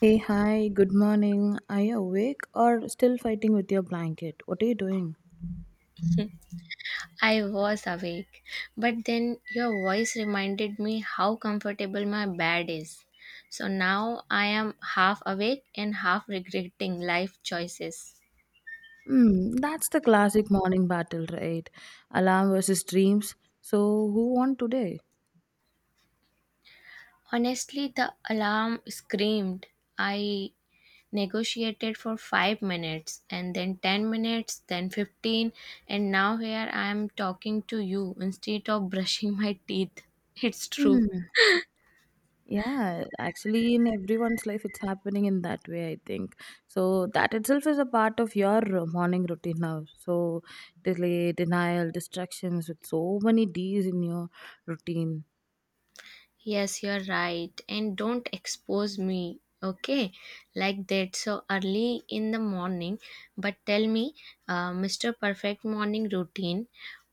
Hey, hi, good morning. Are you awake or still fighting with your blanket? What are you doing? I was awake, but then your voice reminded me how comfortable my bed is. So now I am half awake and half regretting life choices. That's the classic morning battle, right? Alarm versus dreams. So, who won today? Honestly, the alarm screamed. I negotiated for 5 minutes and then 10 minutes, then 15, and now here I am talking to you instead of brushing my teeth. It's true. Hmm. Yeah, actually, in everyone's life, it's happening in that way, I think. So, that itself is a part of your morning routine now. So, delay, denial, distractions, with so many D's in your routine. Yes, you're right. And don't expose me, okay? Like that, so early in the morning. But tell me, Mr. Perfect morning routine.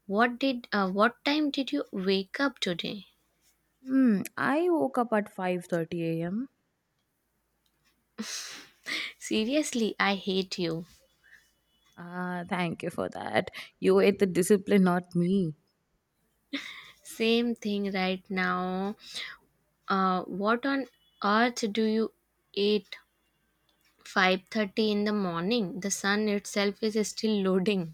What time did you wake up today? Hmm. I woke up at 5:30 a.m. Seriously, I hate you. Ah, thank you for that. You ate the discipline, not me. Same thing right now. What on earth do you eat? 5:30 in the morning. The sun itself is still loading.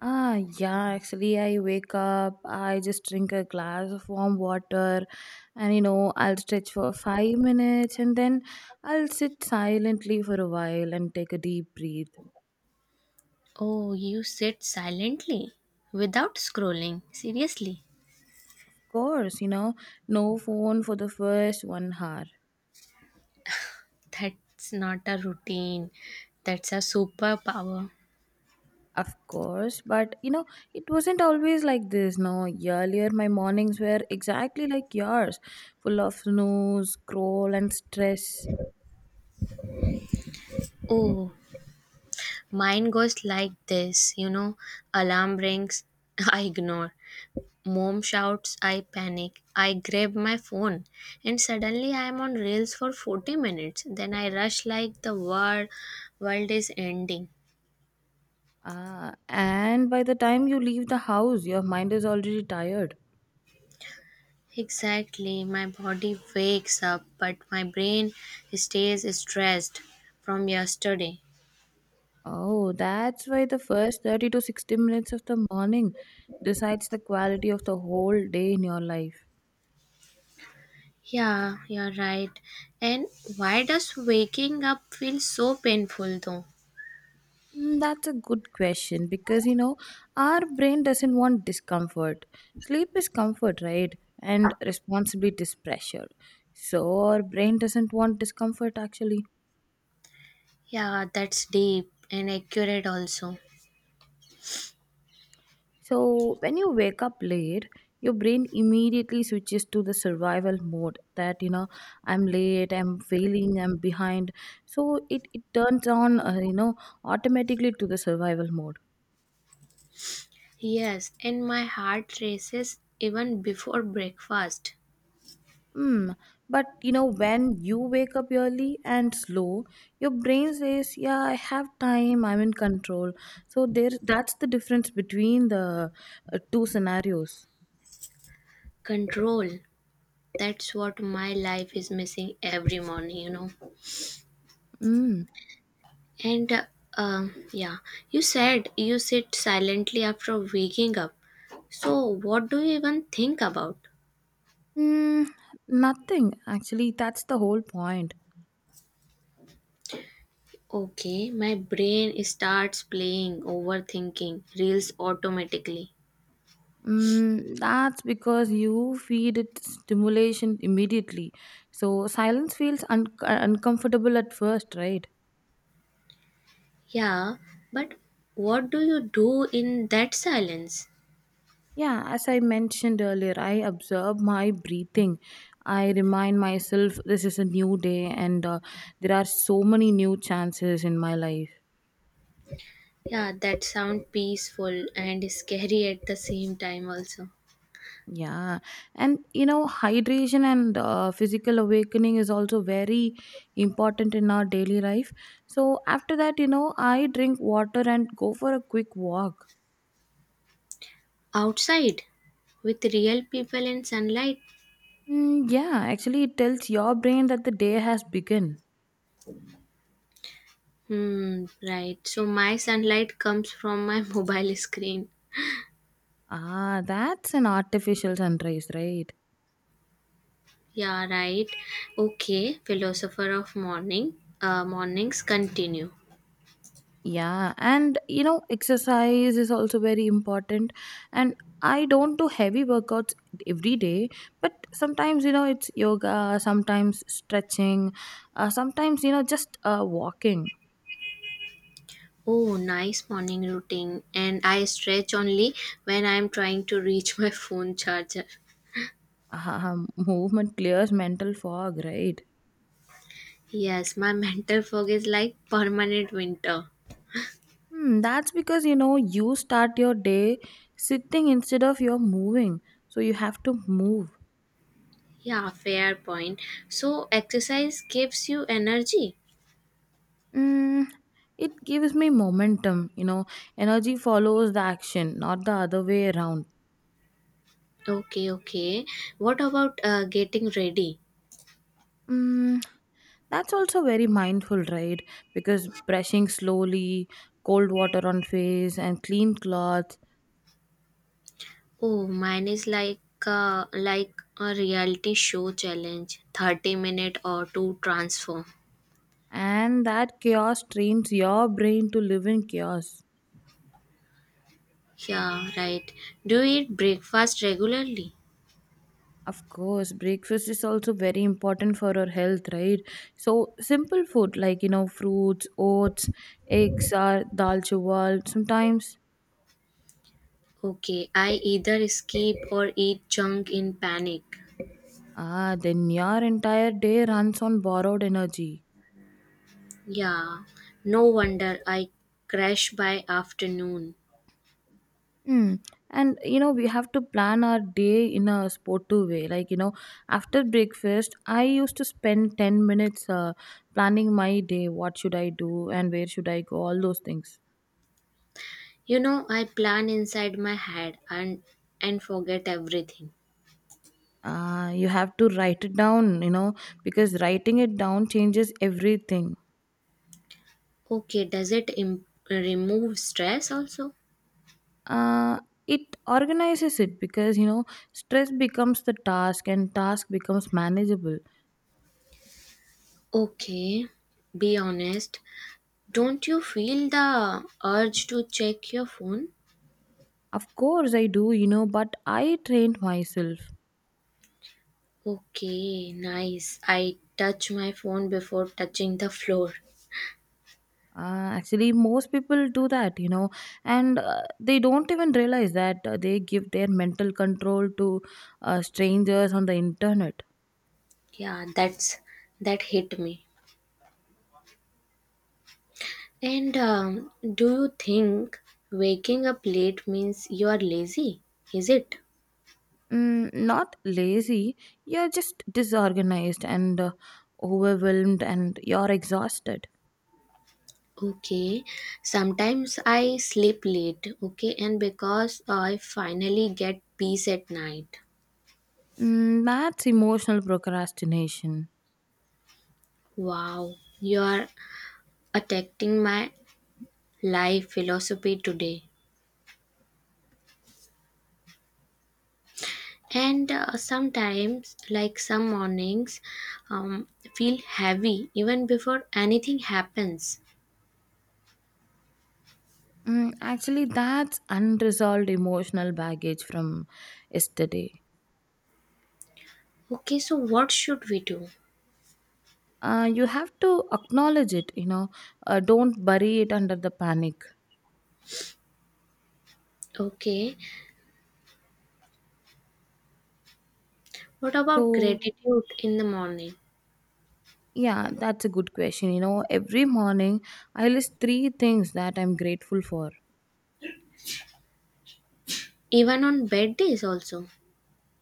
Ah, yeah, actually, I wake up, I just drink a glass of warm water, and you know, I'll stretch for 5 minutes and then I'll sit silently for a while and take a deep breath. Oh, you sit silently without scrolling. Seriously, Of course, you know, no phone for the first one hour. that's not a routine. That's a superpower. Of course, but you know, it wasn't always like this. No, earlier my mornings were exactly like yours, full of snooze, scroll, and stress. Oh, mine goes like this, alarm rings, I ignore. Mom shouts, I panic. I grab my phone, and suddenly I am on reels for 40 minutes. Then I rush like the world is ending. Ah, and by the time you leave the house, your mind is already tired. Exactly. My body wakes up, but my brain stays stressed from yesterday. Oh, that's why the first 30 to 60 minutes of the morning decides the quality of the whole day in your life. Yeah, you're right. And why does waking up feel so painful though? That's a good question because you know, our brain doesn't want discomfort. Sleep is comfort, right? And responsibility is pressure. So, our brain doesn't want discomfort actually. Yeah, that's deep and accurate also. So, when you wake up late, your brain immediately switches to the survival mode that, you know, I'm late, I'm failing, I'm behind. So, it turns on, you know, automatically to the survival mode. Yes, and my heart races even before breakfast. Hmm. But, you know, when you wake up early and slow, your brain says, yeah, I have time, I'm in control. So, there, that's the difference between the two scenarios. Control. That's what my life is missing every morning, you know. Hmm. And yeah, you said you sit silently after waking up. So, what do you even think about? Mm, nothing actually, that's the whole point. Okay, my brain starts playing overthinking reels automatically. That's because you feed it stimulation immediately. So silence feels uncomfortable at first, right? Yeah, but what do you do in that silence? Yeah, as I mentioned earlier, I observe my breathing. I remind myself this is a new day and there are so many new chances in my life. Yeah, that sound peaceful and scary at the same time also. Yeah, and you know, hydration and physical awakening is also very important in our daily life. So, after that, you know, I drink water and go for a quick walk. Outside with real people and sunlight. Yeah, actually, it tells your brain that the day has begun. Hmm, right. So my sunlight comes from my mobile screen. Ah, that's an artificial sunrise, right? Yeah, right. Okay, philosopher of morning. Mornings continue. Yeah, and you know, exercise is also very important. And I don't do heavy workouts every day, but sometimes, you know, it's yoga, sometimes stretching, sometimes, you know, just walking. Oh, nice morning routine. And I stretch only when I am trying to reach my phone charger. Movement clears mental fog, right? Yes, my mental fog is like permanent winter. That's because you know you start your day sitting instead of you're moving, so you have to move. Yeah, fair point. So, exercise gives you energy. Mm, it gives me momentum, you know. Energy follows the action, not the other way around. Okay, okay. What about getting ready? Mm, that's also very mindful, right? Because brushing slowly, cold water on face, and clean clothes, Oh, mine is like uh, like a reality show challenge, 30 minute or to transform. and that chaos trains your brain to live in chaos. Yeah, right. Do you eat breakfast regularly? Of course, breakfast is also very important for our health, right? So simple food, like, you know, fruits, oats, eggs, or dal chawal. Sometimes. Okay, I either skip or eat junk in panic. Then your entire day runs on borrowed energy. Yeah, no wonder I crash by afternoon. Hmm. And you know, we have to plan our day in a sportive way. Like, you know, after breakfast, I used to spend 10 minutes planning my day. What should I do and where should I go? All those things. You know, I plan inside my head and forget everything. You have to write it down, you know, because writing it down changes everything. Okay, does it remove stress also? Uh, it organizes it because you know, stress becomes the task, and task becomes manageable. Okay, be honest. Don't you feel the urge to check your phone? Of course I do, you know, but I trained myself. Okay, nice. I touch my phone before touching the floor. Actually, most people do that, you know, and they don't even realize that they give their mental control to strangers on the internet. Yeah, that hit me. And do you think waking up late means you are lazy? Is it? Not lazy, you're just disorganized and overwhelmed and you're exhausted. Okay. Sometimes I sleep late, okay, and because I finally get peace at night. That's emotional procrastination. Wow, you are attacking my life philosophy today. And sometimes like some mornings um, feel heavy even before anything happens. Actually, that's unresolved emotional baggage from yesterday. Okay, so what should we do? You have to acknowledge it, you know, don't bury it under the panic. Okay, what about So, gratitude in the morning? yeah, that's a good question. You know, every morning I list three things that I'm grateful for, Even on bad days also.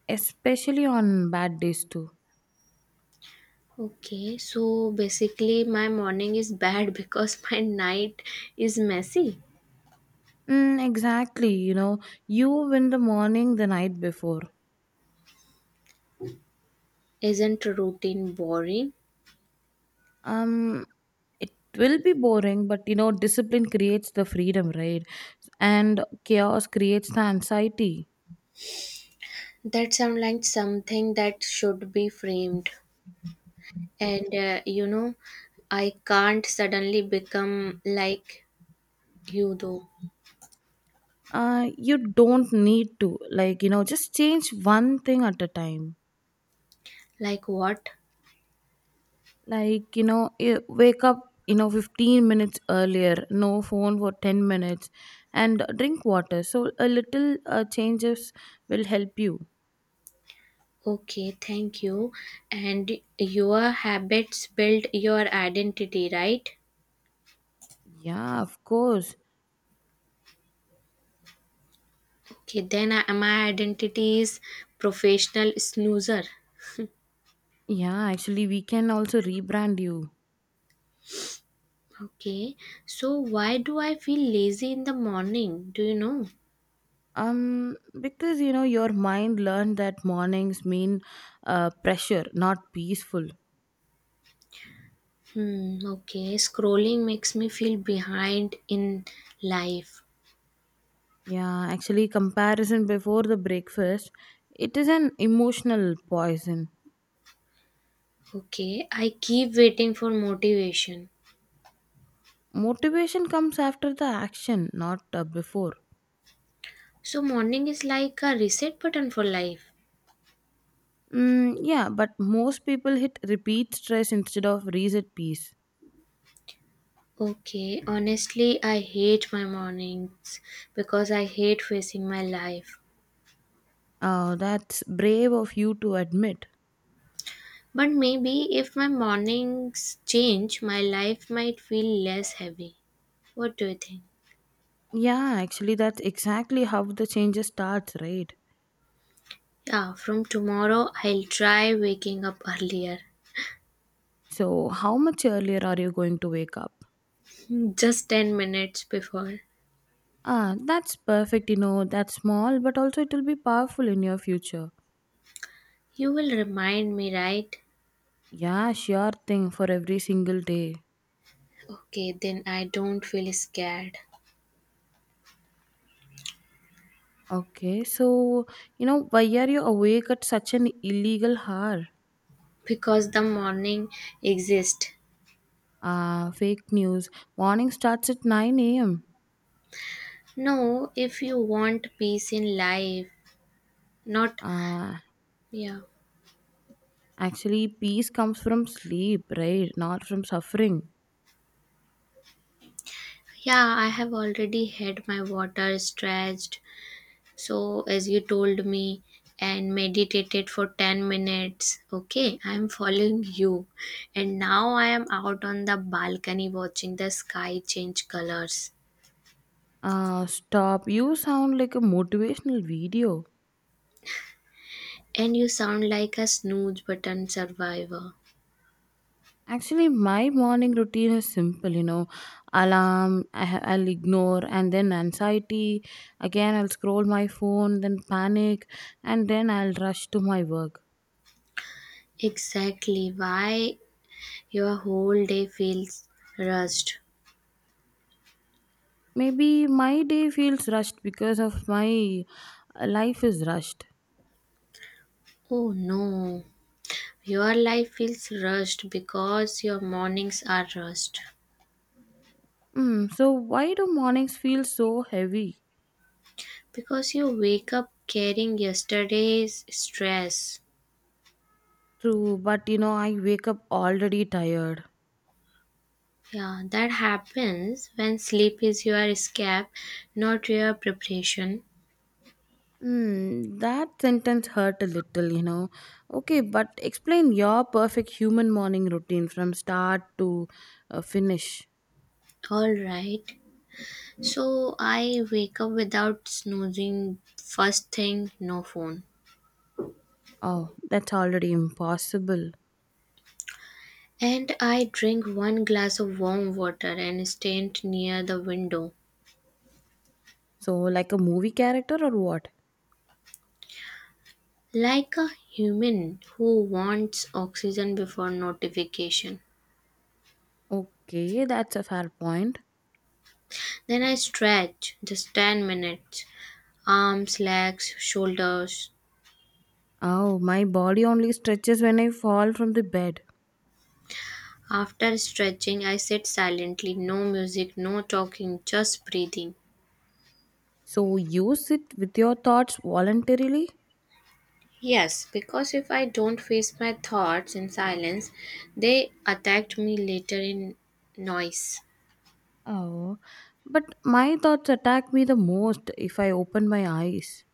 especially on bad days, too. Okay, so basically my morning is bad because my night is messy. Exactly. You know, you win the morning the night before. Isn't routine boring? Um, it will be boring, but you know, discipline creates the freedom, right? And chaos creates the anxiety. That sounds like something that should be framed. And you know I can't suddenly become like you though. You don't need to, like, you know, just change one thing at a time. Like what? Like, you know, wake up, you know, 15 minutes earlier, no phone for 10 minutes, and drink water. So, a little changes will help you. Okay, thank you. And your habits build your identity, right? Yeah, of course. Okay, then my identity is professional snoozer. Yeah, actually, we can also rebrand you. Okay, so why do I feel lazy in the morning, do you know? Because you know your mind learned that mornings mean pressure, not peaceful. Hmm, okay. Scrolling makes me feel behind in life. Yeah, actually, comparison before the breakfast, it is an emotional poison. Okay. I keep waiting for motivation. Motivation comes after the action, not before. So morning is like a reset button for life. Yeah, but most people hit repeat stress instead of reset peace. Okay, honestly, I hate my mornings because I hate facing my life. Oh, that's brave of you to admit. But maybe if my mornings change, my life might feel less heavy. What do you think? Yeah, actually, that's exactly how the changes starts, right? Yeah, from tomorrow I'll try waking up earlier. So, how much earlier are you going to wake up? Just 10 minutes before. Ah, that's perfect, you know, that's small, but also it will be powerful in your future. You will remind me, right? Yeah, sure thing for every single day. Okay, then I don't feel scared Okay, so, you know, why are you awake at such an illegal hour? because the morning exists. Ah, fake news. Morning starts at 9 a.m. No, if you want peace in life, not. Ah, Yeah. actually, peace comes from sleep, right? Not from suffering. Yeah, I have already had my water stretched. So, as you told me, and meditated for 10 minutes. Okay, I'm following you. And now I am out on the balcony watching the sky change colors. Ah, stop. You sound like a motivational video. And you sound like a snooze button survivor. Actually, my morning routine is simple, you know. Alarm, I'll ignore, and then anxiety. Again, I'll scroll my phone, then panic, and then I'll rush to my work. Exactly why your whole day feels rushed. Maybe my day feels rushed because of my life is rushed. Oh no. Your life feels rushed because your mornings are rushed. So, why do mornings feel so heavy? Because you wake up carrying yesterday's stress. True, but you know, I wake up already tired. Yeah, that happens when sleep is your escape, not your preparation. That sentence hurt a little, you know. Okay, but explain your perfect human morning routine from start to finish. All right. So I wake up without snoozing. First thing, no phone. Oh, that's already impossible. And I drink one glass of warm water and stand near the window. So, like a movie character or what? Like a human who wants oxygen before notification. Okay, that's a fair point. Then I stretch just 10 minutes, arms, legs, shoulders. Oh, my body only stretches when I fall from the bed. After stretching, I sit silently, no music, no talking, just breathing. So, you sit with your thoughts voluntarily? Yes, because if I don't face my thoughts in silence, they attacked me later in noise. Oh, but my thoughts attack me the most if I open my eyes.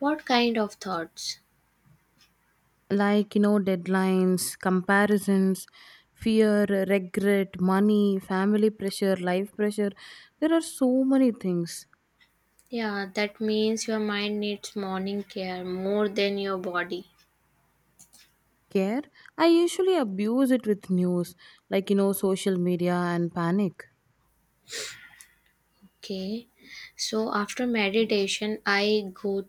What kind of thoughts? Like, you know, deadlines, comparisons, fear, regret, money, family pressure, life pressure. There are so many things. Yeah, that means your mind needs morning care more than your body. Care. I usually abuse it with news, like, you know, social media and panic. Okay. So after meditation, I go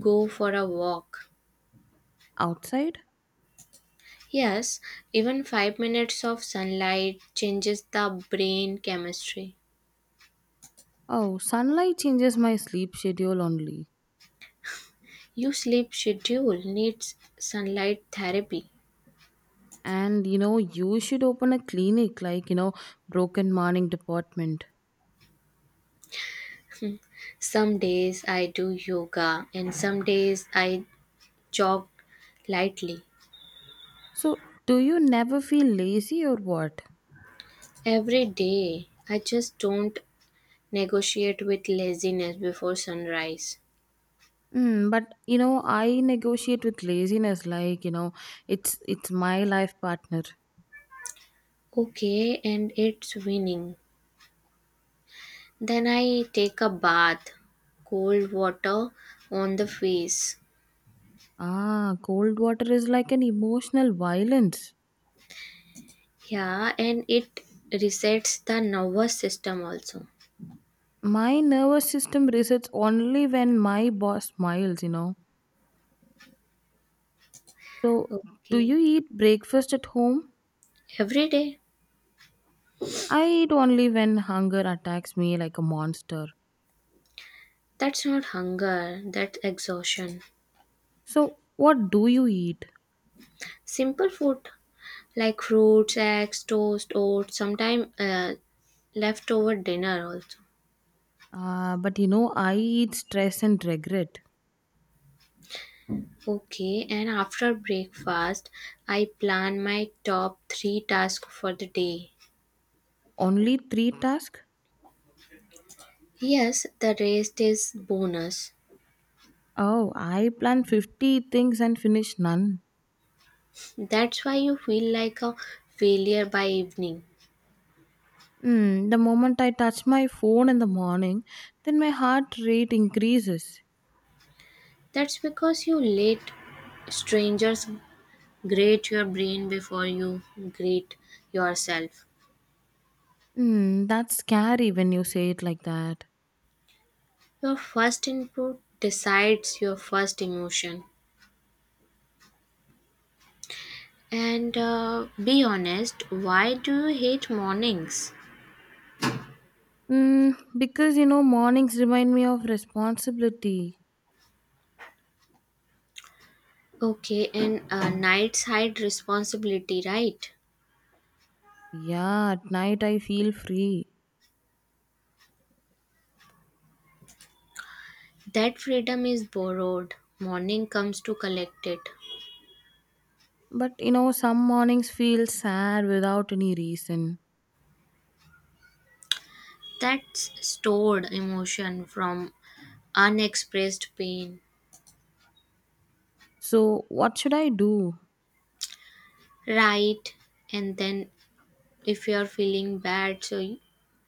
go for a walk. Outside? Yes, even 5 minutes of sunlight changes the brain chemistry. Oh, sunlight changes my sleep schedule only. Your sleep schedule needs sunlight therapy. And you know, you should open a clinic, like, you know, broken morning department. Some days I do yoga and some days I jog lightly. So, do you never feel lazy or what? Every day I just don't negotiate with laziness before sunrise. But you know, I negotiate with laziness. Like, you know, it's my life partner. Okay, and it's winning. Then I take a bath, cold water on the face. Ah, cold water is like an emotional violence. Yeah, and it resets the nervous system also. My nervous system resets only when my boss smiles. You know. So, do Okay. you eat breakfast at home? Every day. I eat only when hunger attacks me like a monster. That's not hunger, that's exhaustion. So, what do you eat? Simple food like fruits, eggs, toast, oats, sometimes leftover dinner also. Ah, but you know, I eat stress and regret. Okay, and after breakfast, I plan my top three tasks for the day. Only three tasks. Yes, the rest is bonus. Oh, I plan 50 things and finish none. That's why you feel like a failure by evening. The moment I touch my phone in the morning, then my heart rate increases. That's because you let strangers grate your brain before you grate yourself. That's scary when you say it like that. Your first input decides your first emotion. And be honest, why do you hate mornings? Because you know, mornings remind me of responsibility. Okay, and nights hide responsibility, right? Yeah, at night I feel free. That freedom is borrowed. Morning comes to collect it. But you know, some mornings feel sad without any reason. That's stored emotion from unexpressed pain. So, what should I do? Right. And then, if you are feeling bad, so you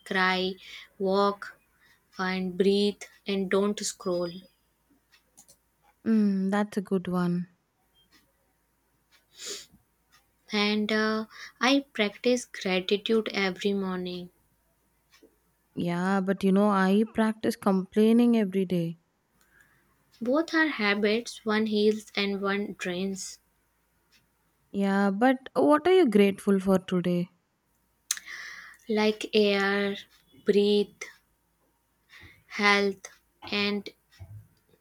cry, walk, and breathe, and don't scroll. That's a good one. And I practice gratitude every morning. Yeah, but you know, I practice complaining every day. Both are habits, one heals and one drains. Yeah, but what are you grateful for today? Like air, breathe, health, and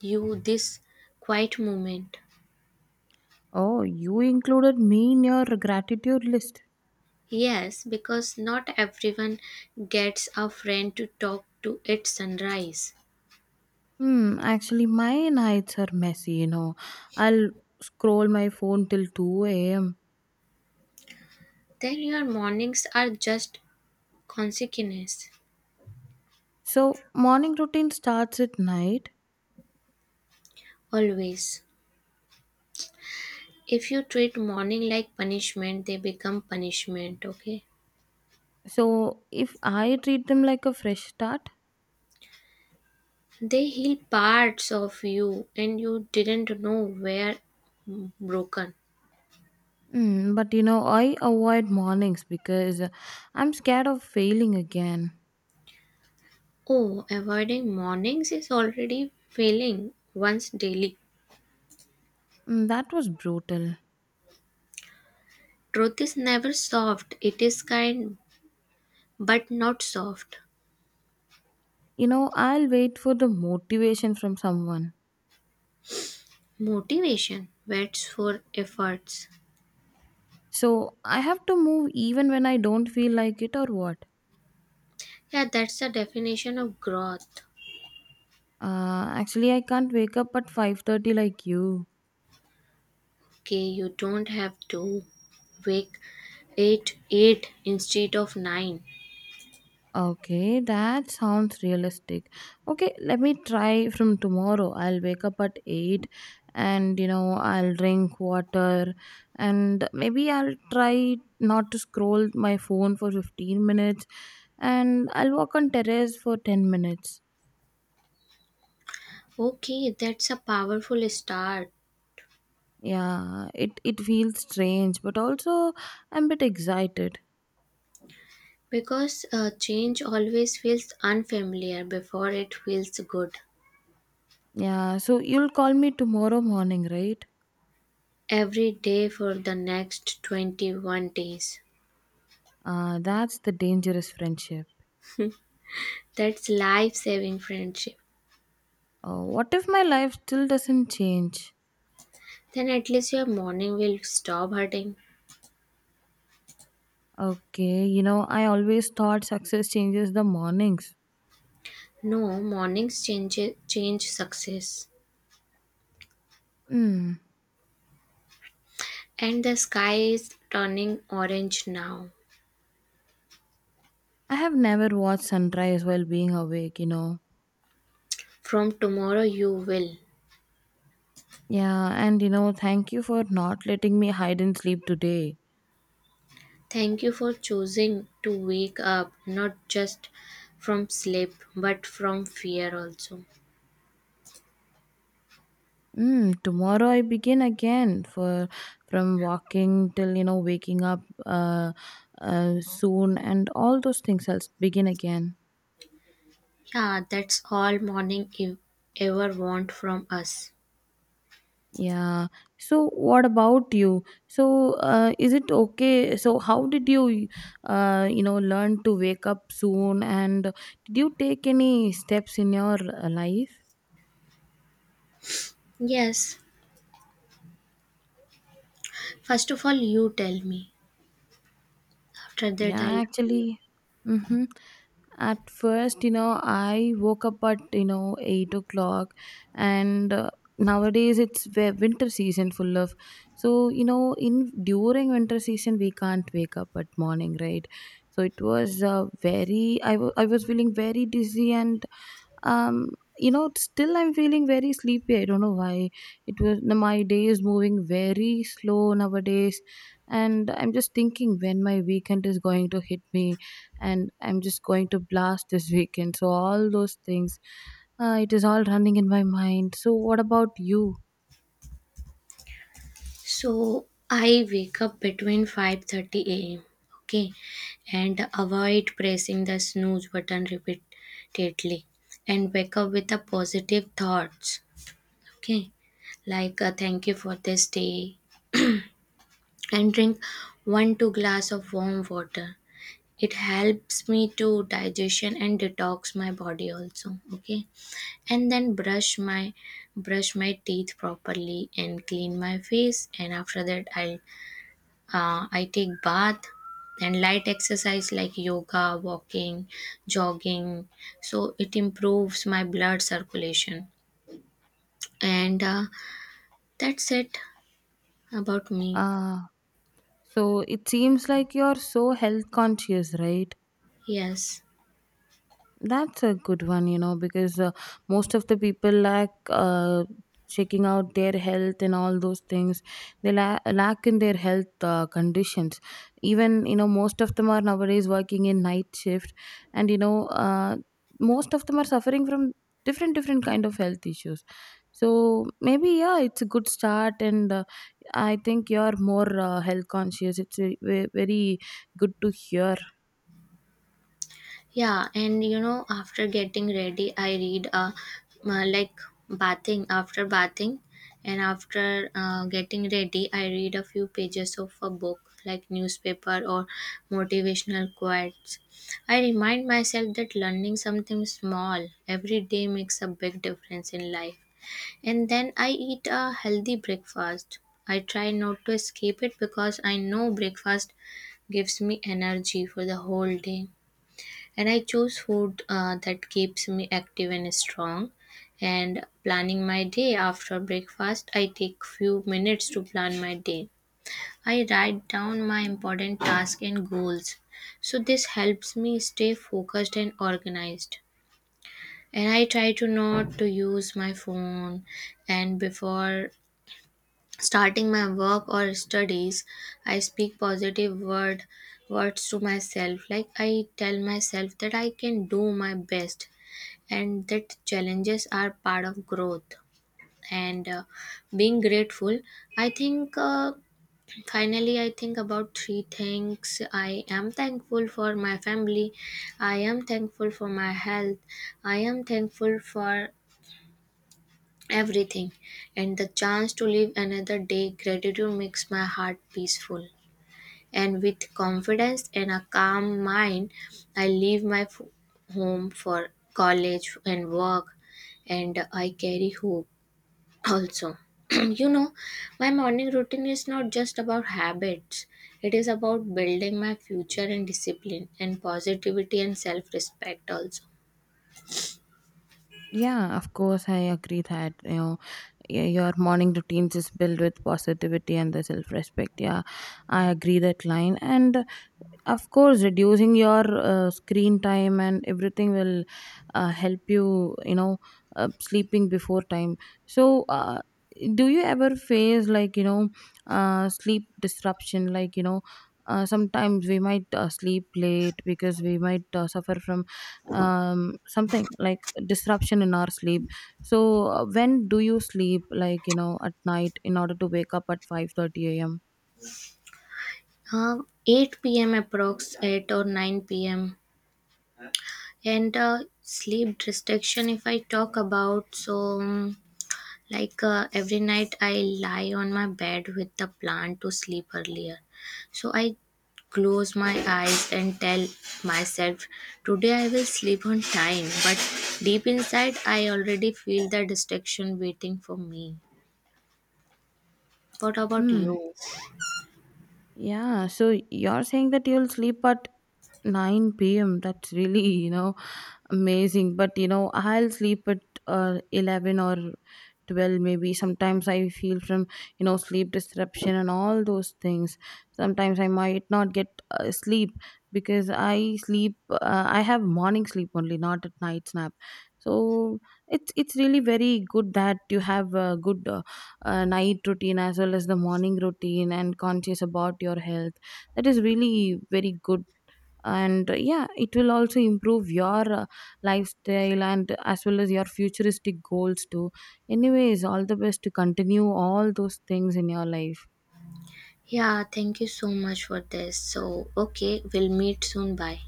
you, this quiet moment. Oh, you included me in your gratitude list. Yes, because not everyone gets a friend to talk to at sunrise. Actually, my nights are messy, you know. I'll scroll my phone till 2 a.m. Then your mornings are just consequence, So, morning routine starts at night. always. If you treat morning like punishment, they become punishment, okay? So, if I treat them like a fresh start, They heal parts of you and you didn't know were broken. But you know, I avoid mornings because I'm scared of failing again. Oh, avoiding mornings is already failing once daily. That was brutal. Truth is never soft, it is kind but not soft. You know, I'll wait for the motivation from someone. Motivation whets for efforts. So I have to move even when I don't feel like it or what? Yeah, that's the definition of growth. Actually, I can't wake up at 5:30 like you. Okay, you don't have to wake 8 8 instead of 9. Okay, that sounds realistic. Okay, let me try from tomorrow. I'll wake up at 8 and you know, I'll drink water and maybe I'll try not to scroll my phone for 15 minutes and I'll walk on terrace for 10 minutes. Okay, that's a powerful start Yeah, it feels strange, but also I'm a bit excited. because change always feels unfamiliar before it feels good. Yeah, so you'll call me tomorrow morning, right? Every day for the next 21 days. That's the dangerous friendship. That's life saving friendship. What if my life still doesn't change? Then at least your morning will stop hurting. Okay, you know, I always thought success changes the mornings. No, mornings change success. Hmm, And the sky is turning orange now. I have never watched sunrise while being awake, you know. From tomorrow you will. Yeah, and you know, thank you for not letting me hide and sleep today. Thank you for choosing to wake up not just from sleep but from fear also. Tomorrow I begin again, for from walking till you know waking up soon, and all those things I'll begin again. Yeah, that's all morning you ever want from us. Yeah. So what about you? So, is it okay? So how did you, you know, learn to wake up soon? And did you take any steps in your life? Yes. First of all you tell me. After that I'll Yeah, actually. Mm-hmm. At first, you know, I woke up at you know 8 o'clock, and nowadays it's winter season full of. So you know, in during winter season we can't wake up at morning, right? So it was very. I was feeling very dizzy, and um you know, still I'm feeling very sleepy. I don't know why. It was My day is moving very slow nowadays, and I'm just thinking when my weekend is going to hit me, and I'm just going to blast this weekend, so all those things, it is all running in my mind. So what about you? So I wake up between 5:30 a.m., okay, and avoid pressing the snooze button repeatedly and wake up with the positive thoughts, okay, like thank you for this day, and drink one two glass of warm water. It helps me to digestion and detox my body also, okay. And then brush my teeth properly and clean my face, and after that I take bath and light exercise like yoga, walking, jogging. So it improves my blood circulation. And that's it about me. Uh so it seems like you're so health conscious, right? Yes. That's a good one, you know, because most of the people lack checking out their health and all those things. They lack in their health conditions. Even, you know, most of them are nowadays working in night shift, and, you know, most of them are suffering from different, different kind of health issues. So maybe, yeah, it's a good start, and I think you're more health conscious. It's a, very good to hear. Yeah, and you know, after getting ready, I read like bathing, after bathing, and after getting ready, I read a few pages of a book like newspaper or motivational quotes. I remind myself that learning something small every day makes a big difference in life. And then I eat a healthy breakfast. I try not to skip it because I know breakfast gives me energy for the whole day. And I choose food that keeps me active and strong. And planning my day, after breakfast I take few minutes to plan my day. I write down my important tasks and goals, so this helps me stay focused and organized. And I try to not to use my phone. And before starting my work or studies, I speak positive words to myself. Like I tell myself that I can do my best and that challenges are part of growth. And being grateful, I think finally I think about three things. I am thankful for my family, I am thankful for my health, I am thankful for everything and the chance to live another day. Gratitude makes my heart peaceful. And with confidence and a calm mind, I leave my home for college and work. And I carry hope also. You know, my morning routine is not just about habits, it is about building my future and discipline and positivity and self-respect also. Yeah, of course, I agree that you know your morning routines is built with positivity and the self respect. Yeah, I agree that line. And of course, reducing your screen time and everything will help you, you know, sleeping before time. So, do you ever face, like, you know, sleep disruption? Like, you know, sometimes we might sleep late because we might suffer from something like disruption in our sleep. So, when do you sleep, like, you know, at night in order to wake up at five thirty 30 a.m.? uh, 8 p.m., approx 8 or 9 p.m. And sleep restriction if I talk about, so like every night, I lie on my bed with the plan to sleep earlier. So I close my eyes and tell myself, today I will sleep on time. But deep inside, I already feel the distraction waiting for me. What about you? Yeah, so you're saying that you'll sleep at 9 p.m. That's really, you know, amazing. But, you know, I'll sleep at 11 or 12, maybe. Sometimes I feel from, you know, sleep disruption and all those things. Sometimes I might not get sleep because I have morning sleep only, not at night nap. So it's really very good that you have a good night routine as well as the morning routine and conscious about your health, that is really very good. And yeah, it will also improve your lifestyle and as well as your futuristic goals too. Anyways, all the best to continue all those things in your life. Yeah, thank you so much for this. So, okay, we'll meet soon. Bye.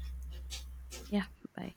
Yeah, bye.